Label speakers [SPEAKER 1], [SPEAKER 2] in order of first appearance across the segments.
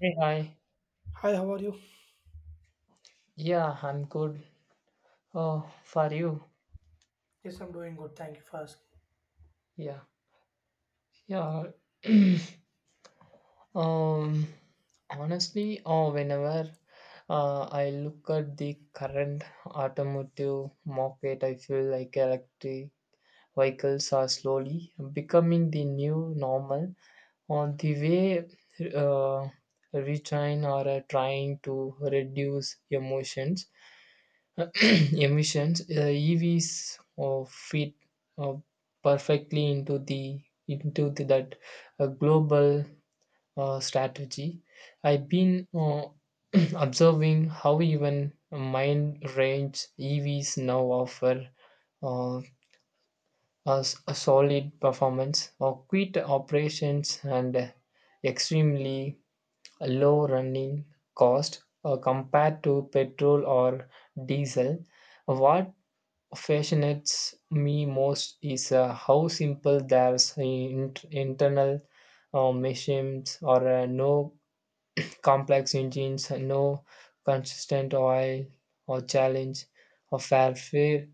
[SPEAKER 1] Hey, hi.
[SPEAKER 2] Hi, how are you?
[SPEAKER 1] Yeah, I'm good. Oh, for you.
[SPEAKER 2] Ask.
[SPEAKER 1] Yeah. Yeah. um, honestly, oh, whenever I look at the current automotive market, I feel like electric vehicles are slowly becoming the new normal on the way uh, retrain or trying to reduce emotions emissions, EVs fit uh, perfectly into that global strategy. I've been observing how even mind range EVs now offer uh, a solid performance, or quick operations, and extremely low running cost compared to petrol or diesel. What fascinates me most is how simple their internal machines are no complex engines, no consistent oil or challenge or warfare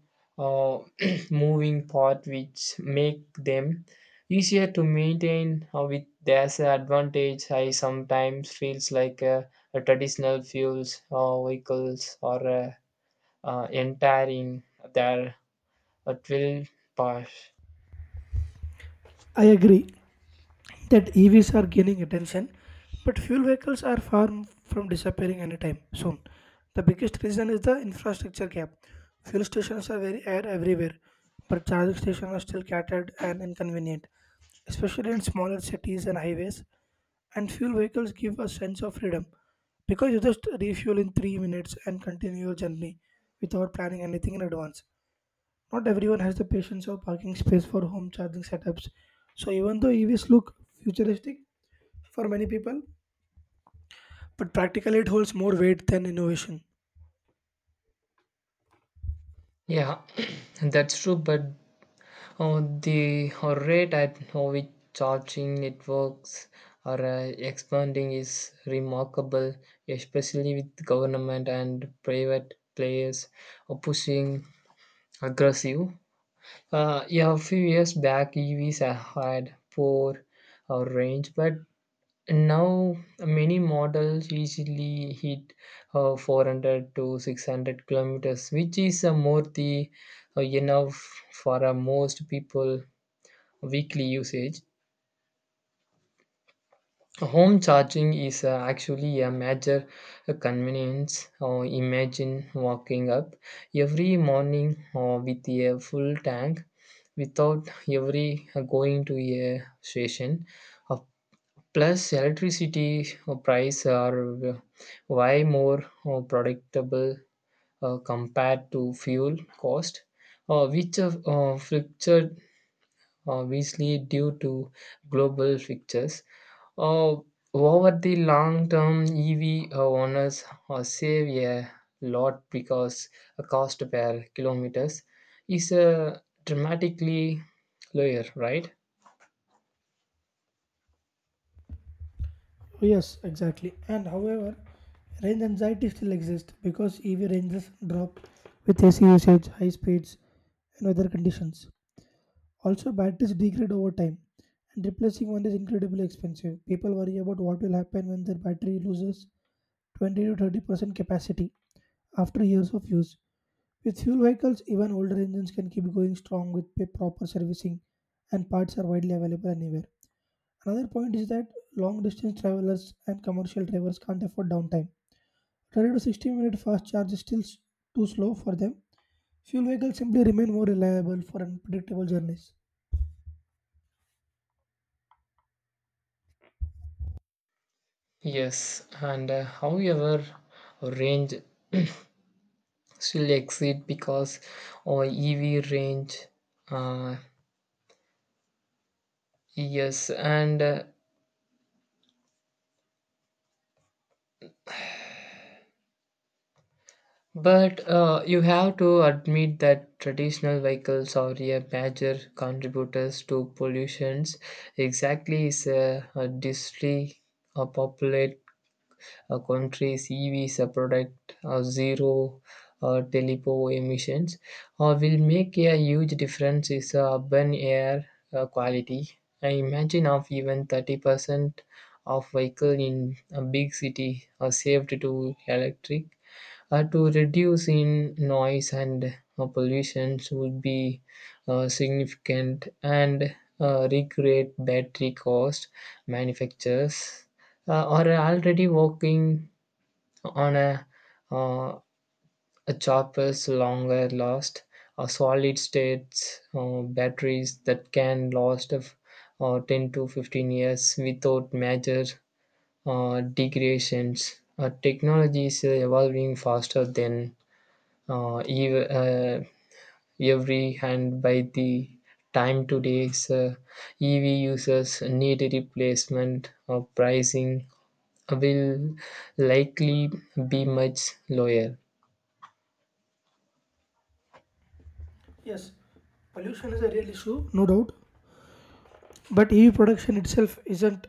[SPEAKER 1] or moving part, which make them easier to maintain. With their advantage, I sometimes feels like a traditional fuels or vehicles or entering their, it will pass.
[SPEAKER 2] I agree that EVs are gaining attention, but fuel vehicles are far from disappearing anytime soon. The biggest reason is the infrastructure gap. Fuel stations are very air everywhere, but charging stations are still scattered and inconvenient, especially in smaller cities and highways. And fuel vehicles give a sense of freedom because you just refuel in 3 minutes and continue your journey without planning anything in advance. Not everyone has the patience or parking space for home charging setups. So even though EVs look futuristic for many people, but practically it holds more weight than innovation.
[SPEAKER 1] Yeah, that's true, but the rate at which charging networks are expanding is remarkable, especially with government and private players pushing aggressive. Yeah, a few years back, EVs had poor range, but now many models easily hit 400 to 600 kilometers, which is more the enough for most people weekly usage. Home charging is actually a major convenience. Imagine walking up every morning with a full tank without every going to a station. Uh, Plus, electricity price are way more predictable compared to fuel cost, which are fluctuated obviously due to global fixtures. Uh, Over the long term, EV owners save a lot because a cost per kilometers is dramatically lower, right?
[SPEAKER 2] Oh, yes, exactly. And however, range anxiety still exists because EV ranges drop with AC usage, high speeds, and weather conditions. Also, batteries degrade over time, and replacing one is incredibly expensive. People worry about what will happen when their battery loses 20 to 30% capacity after years of use. With fuel vehicles, even older engines can keep going strong with proper servicing, and parts are widely available anywhere. Another point is that long distance travelers and commercial drivers can't afford downtime. 30 to 60 minute fast charge is still too slow for them. Fuel vehicles simply remain more reliable for unpredictable journeys.
[SPEAKER 1] Yes, and however, range still exceed because or EV range. Uh, yes, and but you have to admit that traditional vehicles are a major contributors to pollutions. Exactly, is a distry a popular. A country's EVs product zero telepo emissions will make a huge difference is urban air quality. I imagine of even 30% of vehicle in a big city are saved to electric. To reduce in noise and pollution would be significant, and recreate battery cost manufacturers are already working on uh, a chopper's longer last solid state batteries that can last of 10 to 15 years without major degradations. Technology is evolving faster than uh, ev- uh, every hand. By the time today's EV users need replacement, or pricing will likely be much lower.
[SPEAKER 2] Yes, pollution is a real issue, no doubt. But EV production itself isn't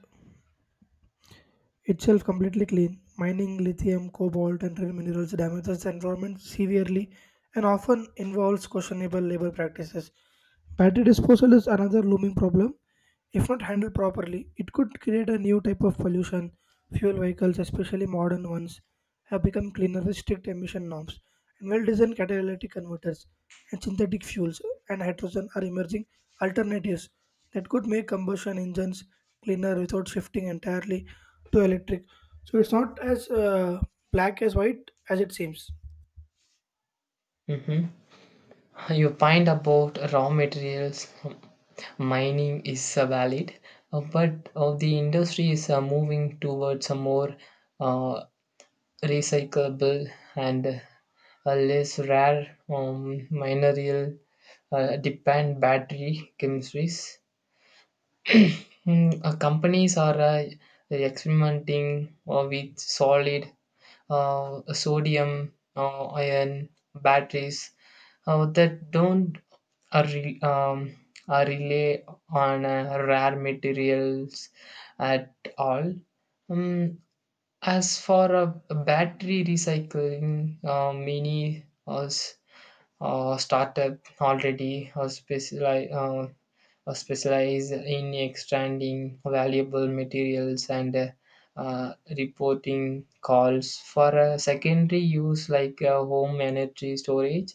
[SPEAKER 2] itself completely clean. Mining lithium, cobalt, and rare minerals damages the environment severely and often involves questionable labor practices. Battery disposal is another looming problem. If not handled properly, it could create a new type of pollution. Fuel vehicles, especially modern ones, have become cleaner with strict emission norms, and well designed catalytic converters and synthetic fuels and hydrogen are emerging alternatives that could make combustion engines cleaner without shifting entirely to electric. So it's not as black as white as it seems.
[SPEAKER 1] Mhm. Your point about raw materials mining is valid, but the industry is moving towards a more uh, recyclable and a less rare mineral depend battery chemistries. Companies are experimenting with solid sodium, ion batteries that don't are, re- are rely on rare materials at all. Um, as for battery recycling, many startup already specialize in extracting valuable materials and reporting calls for a secondary use like home energy storage.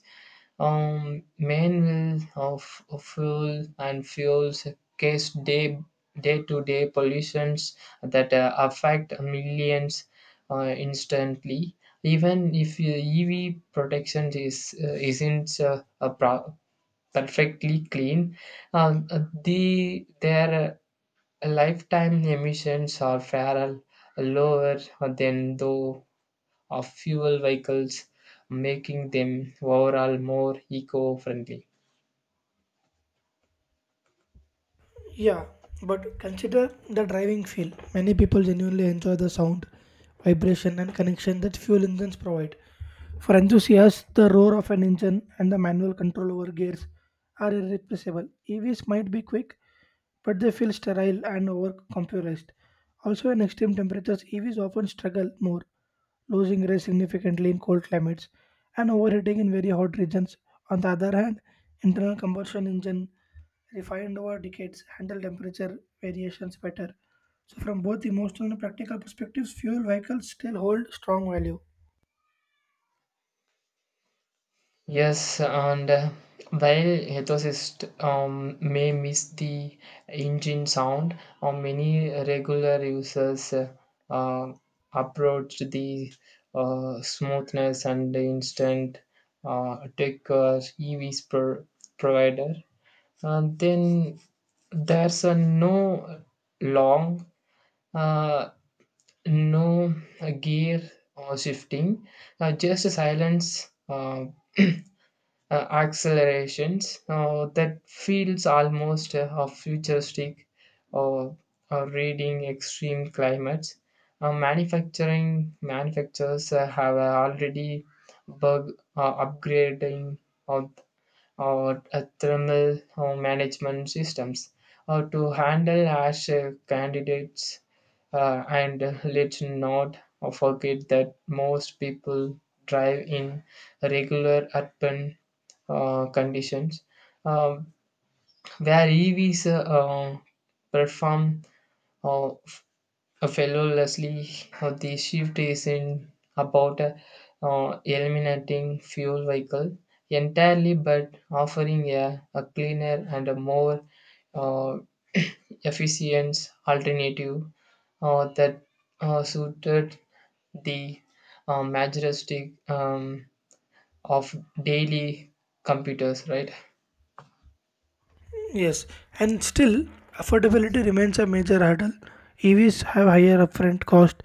[SPEAKER 1] Main will of fuel and fuels case day day to day pollutions that affect millions instantly, even if ev protection is isn't perfectly clean. The their lifetime emissions are far lower than those of fuel vehicles, making them overall more eco-friendly.
[SPEAKER 2] Yeah, but consider the driving feel. Many people genuinely enjoy the sound, vibration, and connection that fuel engines provide. For enthusiasts, the roar of an engine and the manual control over gears are irreplaceable. EVs might be quick, but they feel sterile and overcomputerized. Also, in extreme temperatures, EVs often struggle more, losing range significantly in cold climates and overheating in very hot regions. On the other hand, internal combustion engine refined over decades, handle temperature variations better. So, from both emotional and practical perspectives, fuel vehicles still hold strong value.
[SPEAKER 1] Yes, and while ethicists may miss the engine sound, many regular users uh, approach the smoothness and the instant tech EVs per provider. And then there's a no long, uh, no gear shifting, just silence. Accelerations that feels almost a futuristic or reading extreme climates. Manufacturing manufacturers have already bug upgrading or, or thermal management systems to handle ash candidates and let's not forget that most people drive in regular urban conditions um, where EVs perform uh, f- flawlessly. The shift is in about eliminating fuel vehicle entirely, but offering a cleaner and a more uh, efficient alternative that suited the majestic of daily computers, right?
[SPEAKER 2] Yes, and still, affordability remains a major hurdle. EVs have higher upfront cost,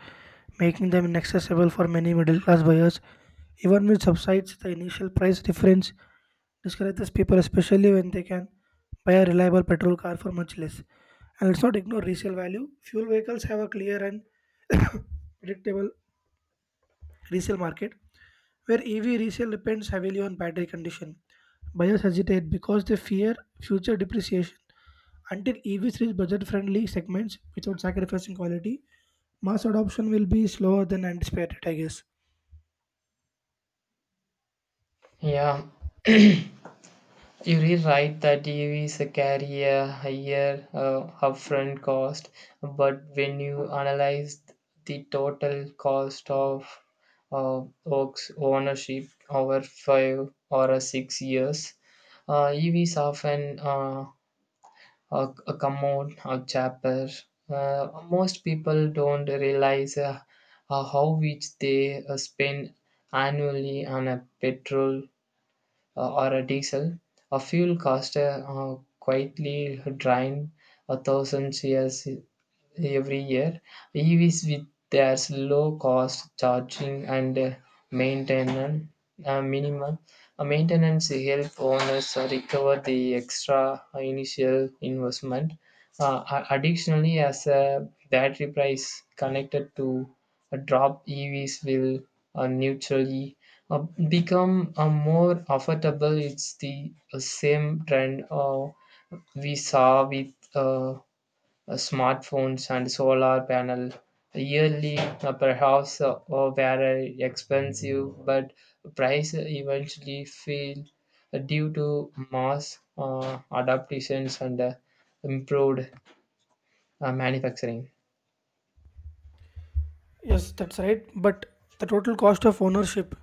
[SPEAKER 2] making them inaccessible for many middle class buyers. Even with subsides, the initial price difference discourages people, especially when they can buy a reliable petrol car for much less. And let's not ignore resale value. Fuel vehicles have a clear and predictable resale market, where EV resale depends heavily on battery condition. Buyers hesitate because they fear future depreciation. Until EVs reach budget friendly segments without sacrificing quality, mass adoption will be slower than anticipated, I guess.
[SPEAKER 1] Yeah, you're really right that EVs carry a higher upfront cost, but when you analyze the total cost of Oak's ownership over five or 6 years, EVs often come out cheaper. Most people don't realize how much they spend annually on a petrol or a diesel, a fuel cost quietly drained a thousand years every year. EVs with their low cost charging and maintenance minimum maintenance help owners recover the extra initial investment. Additionally, as a battery price connected to a drop, EVs will neutrally uh, become more affordable. It's the same trend we saw with Smartphones and solar panel yearly perhaps or very expensive, but price eventually fell due to mass adaptations and improved manufacturing.
[SPEAKER 2] Yes, that's right. But the total cost of ownership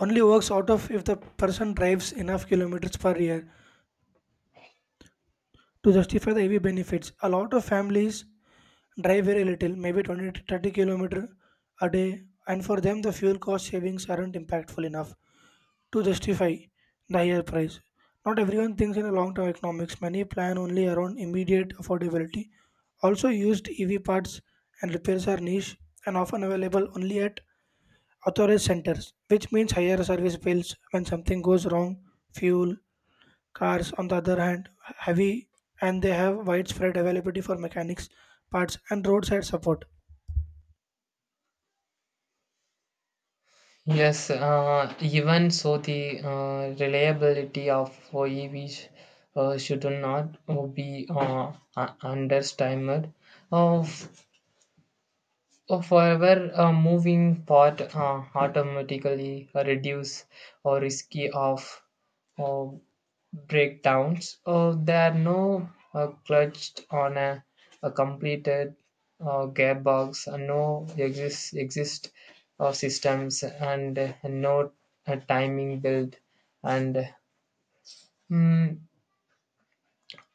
[SPEAKER 2] only works out of if the person drives enough kilometers per year to justify the EV benefits. A lot of families drive very little, maybe 20 to 30 kilometer a day, and for them the fuel cost savings aren't impactful enough to justify the higher price. Not everyone thinks in a long-term economics. Many plan only around immediate affordability. Also, used EV parts and repairs are niche and often available only at authorized centers, which means higher service bills when something goes wrong. Fuel cars, on the other hand, heavy and they have widespread availability for mechanics, parts, and roadside support.
[SPEAKER 1] Yes, even so, the reliability of EVs should not be underestimated. Uh, Or forever, a moving part automatically reduce or risky of uh, breakdowns. Or there are no clutched on a completed gearbox, no exist systems, and no timing build, and mm,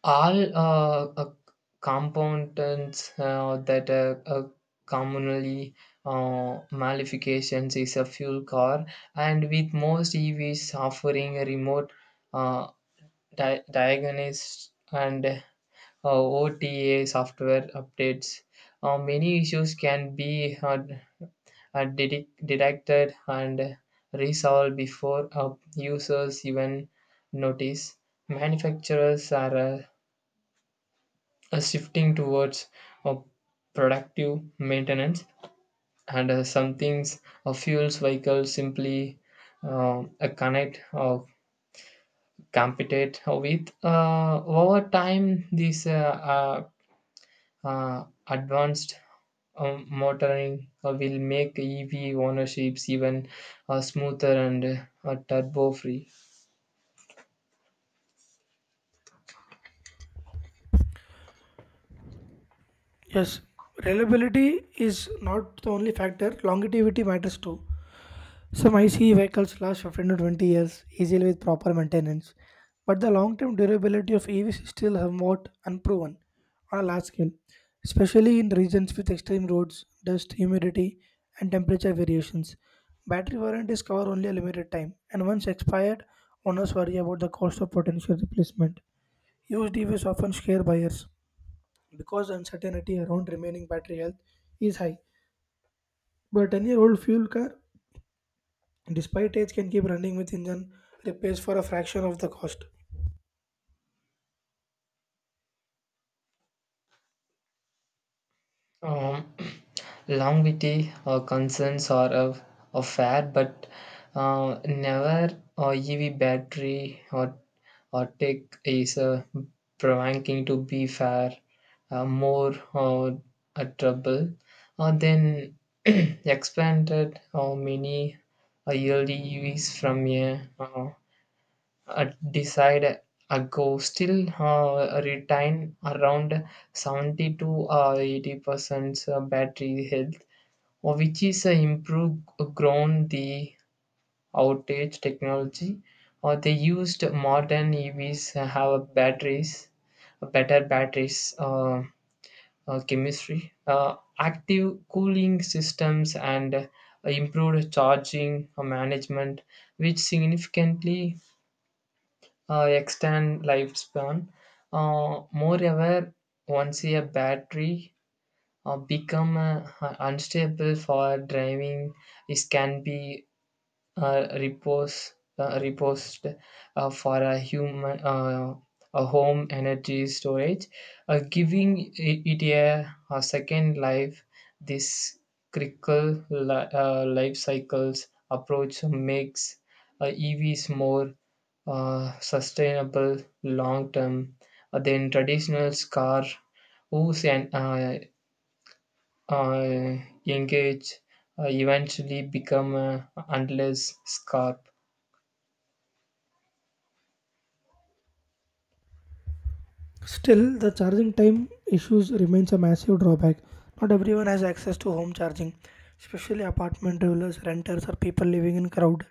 [SPEAKER 1] all compounds that commonly malifications is a fuel car. And with most evs offering a remote uh, diagnosis and ota software updates, many issues can be detected and resolved before users even notice. Manufacturers are a shifting towards a productive maintenance, and some things a fuels vehicle simply a connect or compete with. Over time these advanced motoring will make ev ownerships even smoother and turbo free.
[SPEAKER 2] Yes, reliability is not the only factor, longevity matters too. Some ICE vehicles last 15 to 20 years easily with proper maintenance, but the long term durability of EVs is still somewhat unproven on a large scale, especially in regions with extreme roads, dust, humidity, and temperature variations. Battery warranties cover only a limited time, and once expired, owners worry about the cost of potential replacement. Used EVs often scare buyers because uncertainty around remaining battery health is high, but a 10-year-old fuel car despite age can keep running with engine repairs for a fraction of the cost.
[SPEAKER 1] Um, longevity concerns are of a fair, but never EV battery or tech is provoking to be fair, more a trouble. Then expanded many early EVs from a uh, decide ago still retain around 70 to 80% battery health, which is improved grown the outage technology. Or they used modern EVs have batteries, better batteries chemistry, active cooling systems, and improved charging management, which significantly extend lifespan. Moreover, once a battery become unstable for driving, it can be uh, repose reposed for a human a home energy storage, giving it a second life. This critical life cycles approach makes evs more sustainable long term than traditional car whose an, uh, engage eventually become unless scarp.
[SPEAKER 2] Still, the charging time issues remains a massive drawback. Not everyone has access to home charging, especially apartment dwellers, renters, or people living in crowded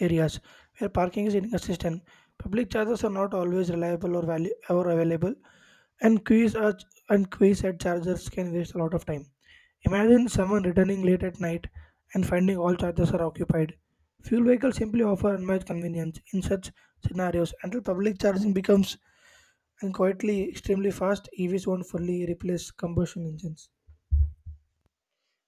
[SPEAKER 2] areas where parking is inconsistent. Public chargers are not always reliable or value or available, and queues are and queues at chargers can waste a lot of time. Imagine someone returning late at night and finding all chargers are occupied. Fuel vehicles simply offer unmatched convenience in such scenarios until public charging becomes and quietly extremely fast EVs won't fully replace combustion engines.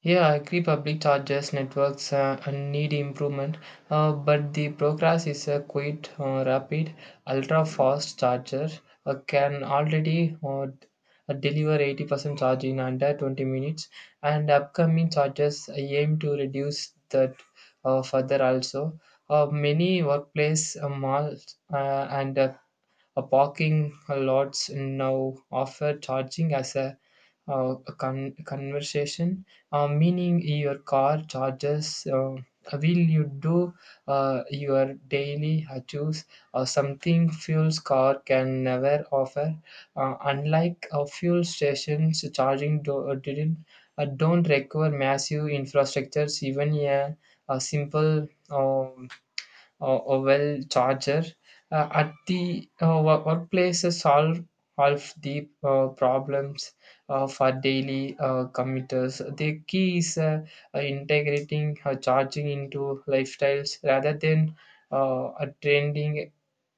[SPEAKER 1] Yeah, I agree. Public charges networks need improvement, but the progress is a quite rapid, ultra fast charger can already deliver 80% charge in under 20 minutes, and upcoming chargers aim to reduce that further also. Many workplace malls and parking lots now offer charging as a conversation, meaning your car charges. Will you do your daily chores, or something fuel's car can never offer. Unlike fuel stations charging do- didn't don't require massive infrastructures. Even a simple or well charger at the workplaces solve the problems for daily commuters. The key is integrating charging into lifestyles rather than trending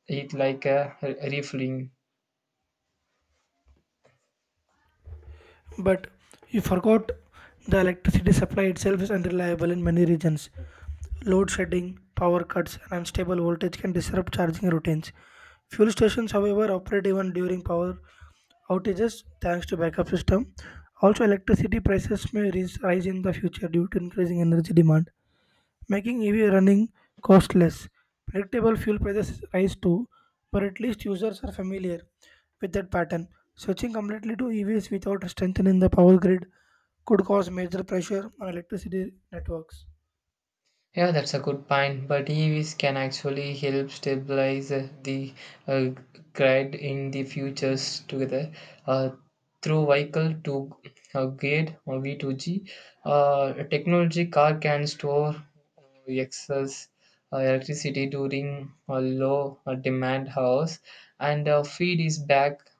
[SPEAKER 1] it like a refueling.
[SPEAKER 2] But you forgot the electricity supply itself is unreliable in many regions. Load shedding, power cuts, and unstable voltage can disrupt charging routines. Fuel stations, however, operate even during power outages thanks to backup system. Also, electricity prices may rise in the future due to increasing energy demand, making EV running costless. Predictable fuel prices rise too, but at least users are familiar with that pattern. Switching completely to EVs without strengthening the power grid could cause major pressure on electricity networks.
[SPEAKER 1] Yeah, that's a good point. But EVs can actually help stabilize the uh, grid in the futures together uh, through vehicle to grid or V2G. A technology car can store excess electricity during a low demand hours and feed is back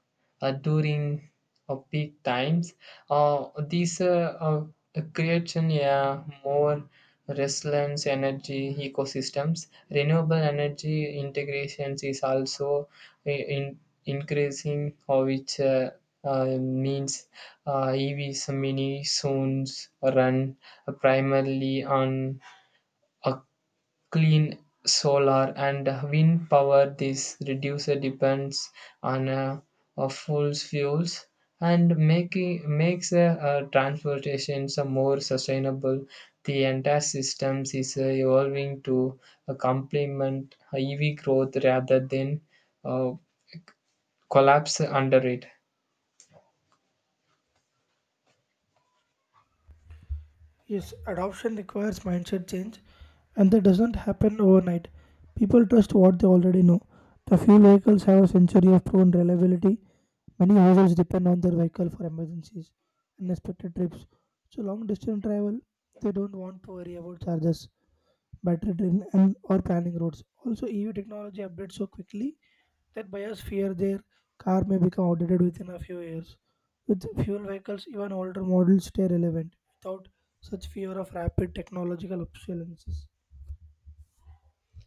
[SPEAKER 1] during peak times. These creates a more resilience energy ecosystems. Renewable energy integrations is also i- in, increasing, which means EVs mini soon run primarily on uh, clean solar and wind power. This reduces depends on fossil fuels, and making makes transportation some more sustainable. The entire systems is evolving to complement EV growth rather than uh, collapse under it.
[SPEAKER 2] Yes, adoption requires mindset change, and that doesn't happen overnight. People trust what they already know. The fuel vehicles have a century of proven reliability. Many households depend on their vehicle for emergencies, unexpected trips. So, long distance travel, they don't want to worry about charges better drain and or planning roads. Also, EV technology updates so quickly that buyers fear their car may become outdated within a few years. With fuel vehicles, even older models stay relevant without such fear of rapid technological obsolescence.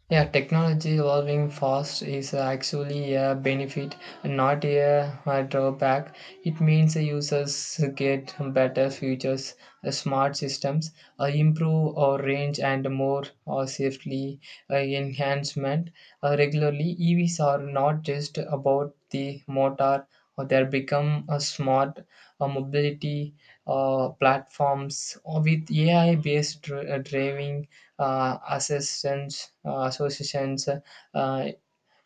[SPEAKER 1] Yeah, technology evolving fast is actually a benefit, not a drawback. It means the users get better features, smart systems, improve our range and more safely enhancement. Regularly, EVs are not just about the motor, or they become a smart mobility platforms or with AI-based driving assistance associations uh,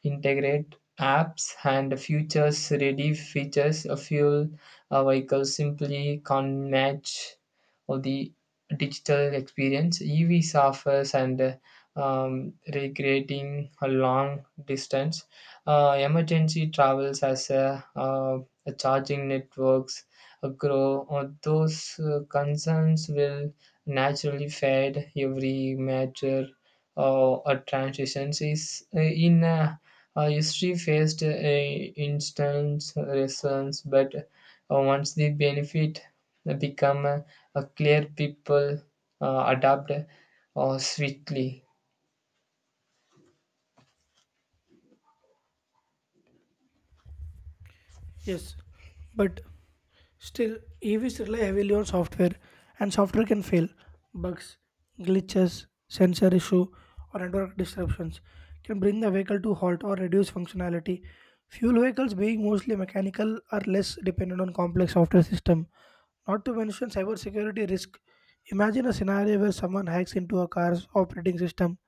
[SPEAKER 1] integrate apps and futures-ready features. A fuel a vehicle simply can't match of the digital experience. EVs offers and recreating a long distance, emergency travels as a charging networks grow. Or those concerns will naturally fade every major or transitions is in a history faced a instant resistance, but once the benefit become clear, people adapt swiftly.
[SPEAKER 2] Yes, but still, EVs rely heavily on software, and software can fail. Bugs, glitches, sensor issue, or network disruptions can bring the vehicle to halt or reduce functionality. Fuel vehicles, being mostly mechanical, are less dependent on complex software system. Not to mention cybersecurity risk. Imagine a scenario where someone hacks into a car's operating system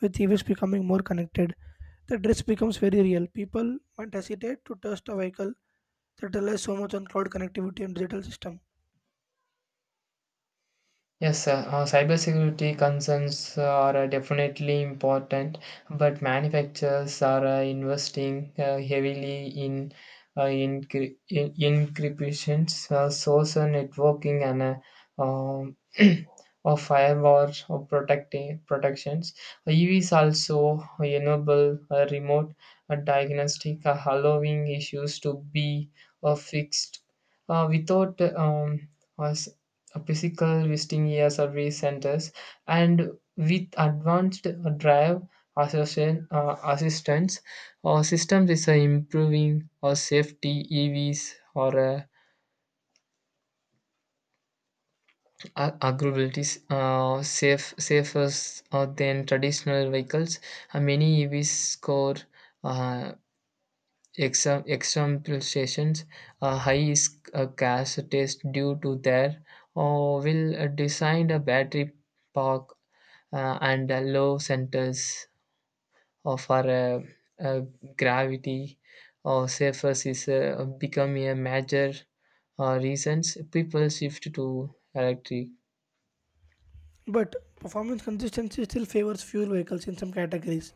[SPEAKER 2] with EVs becoming more connected, the risk becomes very real. People might hesitate to trust a vehicle that relies so much on cloud connectivity and digital system.
[SPEAKER 1] Yes, sir. Cybersecurity concerns are definitely important, but manufacturers are investing heavily in encryptions, social networking, and um, of firewall or protecting protections. EVs also enable remote diagnostic, allowing issues to be fixed without physical visiting year service centers and with advanced drive association, assistance or systems is improving or safety evs or agribilities safer than traditional vehicles. Many evs score uh, example sessions a high is a gas test due to their or will design a battery pack and a low centers of our uh, gravity or surface is become a major reasons people shift to electric.
[SPEAKER 2] But performance consistency still favors fuel vehicles in some categories.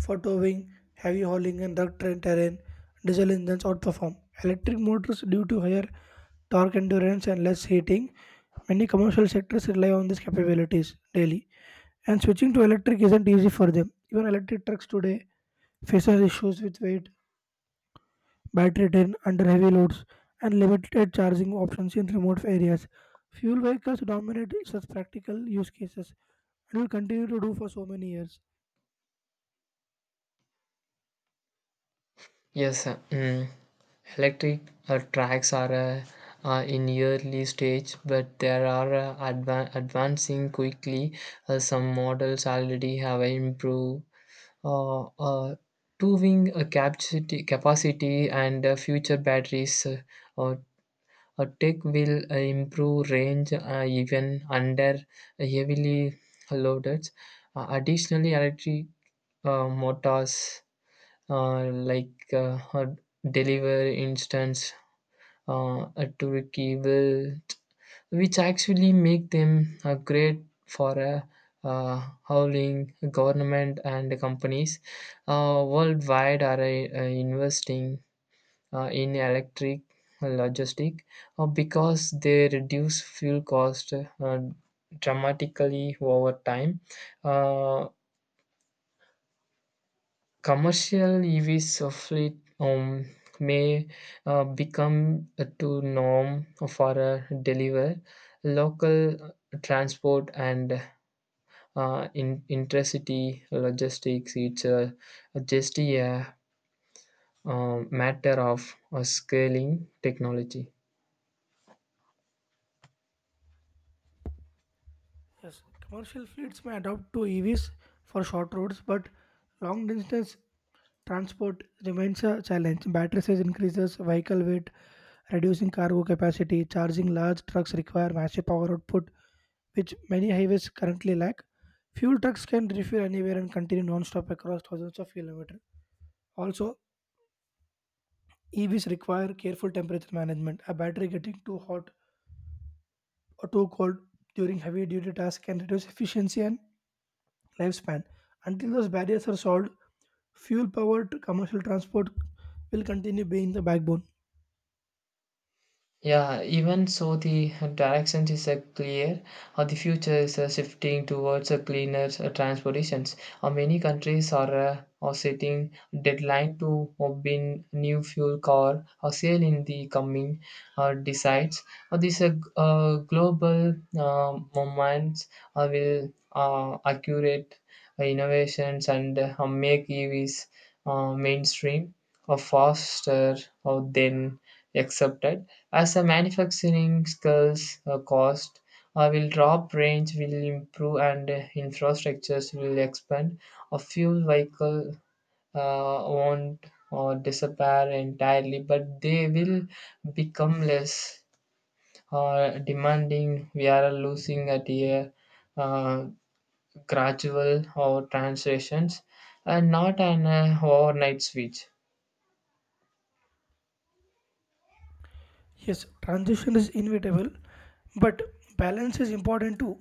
[SPEAKER 2] For towing, heavy hauling, and rugged terrain, diesel engines outperform electric motors due to higher torque endurance and less heating. Many commercial sectors rely on these capabilities daily, and switching to electric isn't easy for them. Even electric trucks today faces issues with weight battery drain under heavy loads, and limited charging options in remote areas. Fuel vehicles dominate such practical use cases and will continue to do for so many years.
[SPEAKER 1] Yes, sir. Mm. Electric tracks are in early stage, but they are advancing quickly. Some models already have improved uh, uh, proving a capacity and future batteries or or tech will improve range even under heavily loaded. Additionally, electric motors uh, like uh, uh, deliver instant a turkey will, which actually make them great for a howling government and companies worldwide are investing in electric logistic because they reduce fuel cost dramatically over time uh, Commercial EVs of fleet um, may become a to norm for a deliver local transport and in intercity logistics. It's just a matter of scaling technology.
[SPEAKER 2] Yes, commercial fleets may adopt to EVs for short roads, but long distance transport remains a challenge. Battery size increases, vehicle weight, reducing cargo capacity. Charging large trucks require massive power output, which many highways currently lack. Fuel trucks can refuel anywhere and continue non-stop across thousands of kilometers. Also, EVs require careful temperature management. A battery getting too hot or too cold during heavy duty tasks can reduce efficiency and lifespan. Until those barriers are solved, fuel powered commercial transport will continue being the backbone.
[SPEAKER 1] Yeah, even so, the direction is clear. The future is shifting towards a cleaner transportations. Many countries are setting deadline to bin new fuel car or sale in the coming decides. These global moments will accurate innovations and make EVs mainstream or faster or than accepted as our manufacturing skills cost will drop, range will improve, and infrastructures will expand. A fuel vehicle won't disappear entirely, but they will become less demanding. We are losing at a uh, gradual or transitions, and not an overnight switch.
[SPEAKER 2] Yes, transition is inevitable, but balance is important too.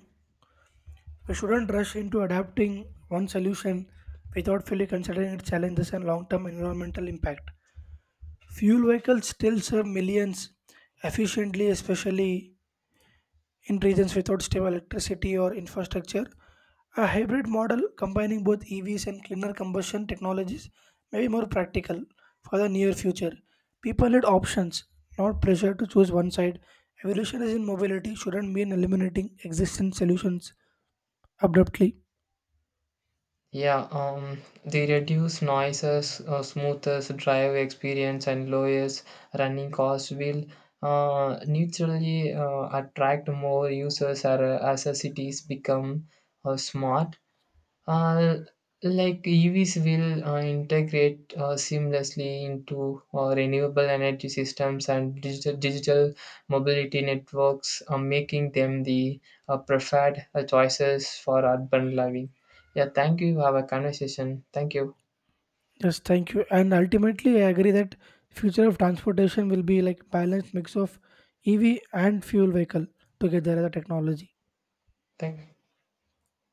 [SPEAKER 2] We shouldn't rush into adapting one solution without fully considering its challenges and long term environmental impact. Fuel vehicles still serve millions efficiently, especially in regions without stable electricity or infrastructure. A hybrid model combining both EVs and cleaner combustion technologies may be more practical for the near future. People need options, not pressure to choose one side. Evolution is in mobility shouldn't mean eliminating existing solutions abruptly.
[SPEAKER 1] Yeah, they reduce noises, smoothers drive experience, and lowers running costs will neutrally attract more users as the cities become smart. Uh, like EVs will integrate seamlessly into renewable energy systems and digital mobility networks, making them the preferred choices for urban living. Yeah, thank you. Have a conversation. Thank you.
[SPEAKER 2] Yes, thank you. And ultimately, I agree that future of transportation will be like balanced mix of EV and fuel vehicle together as a technology.
[SPEAKER 1] Thank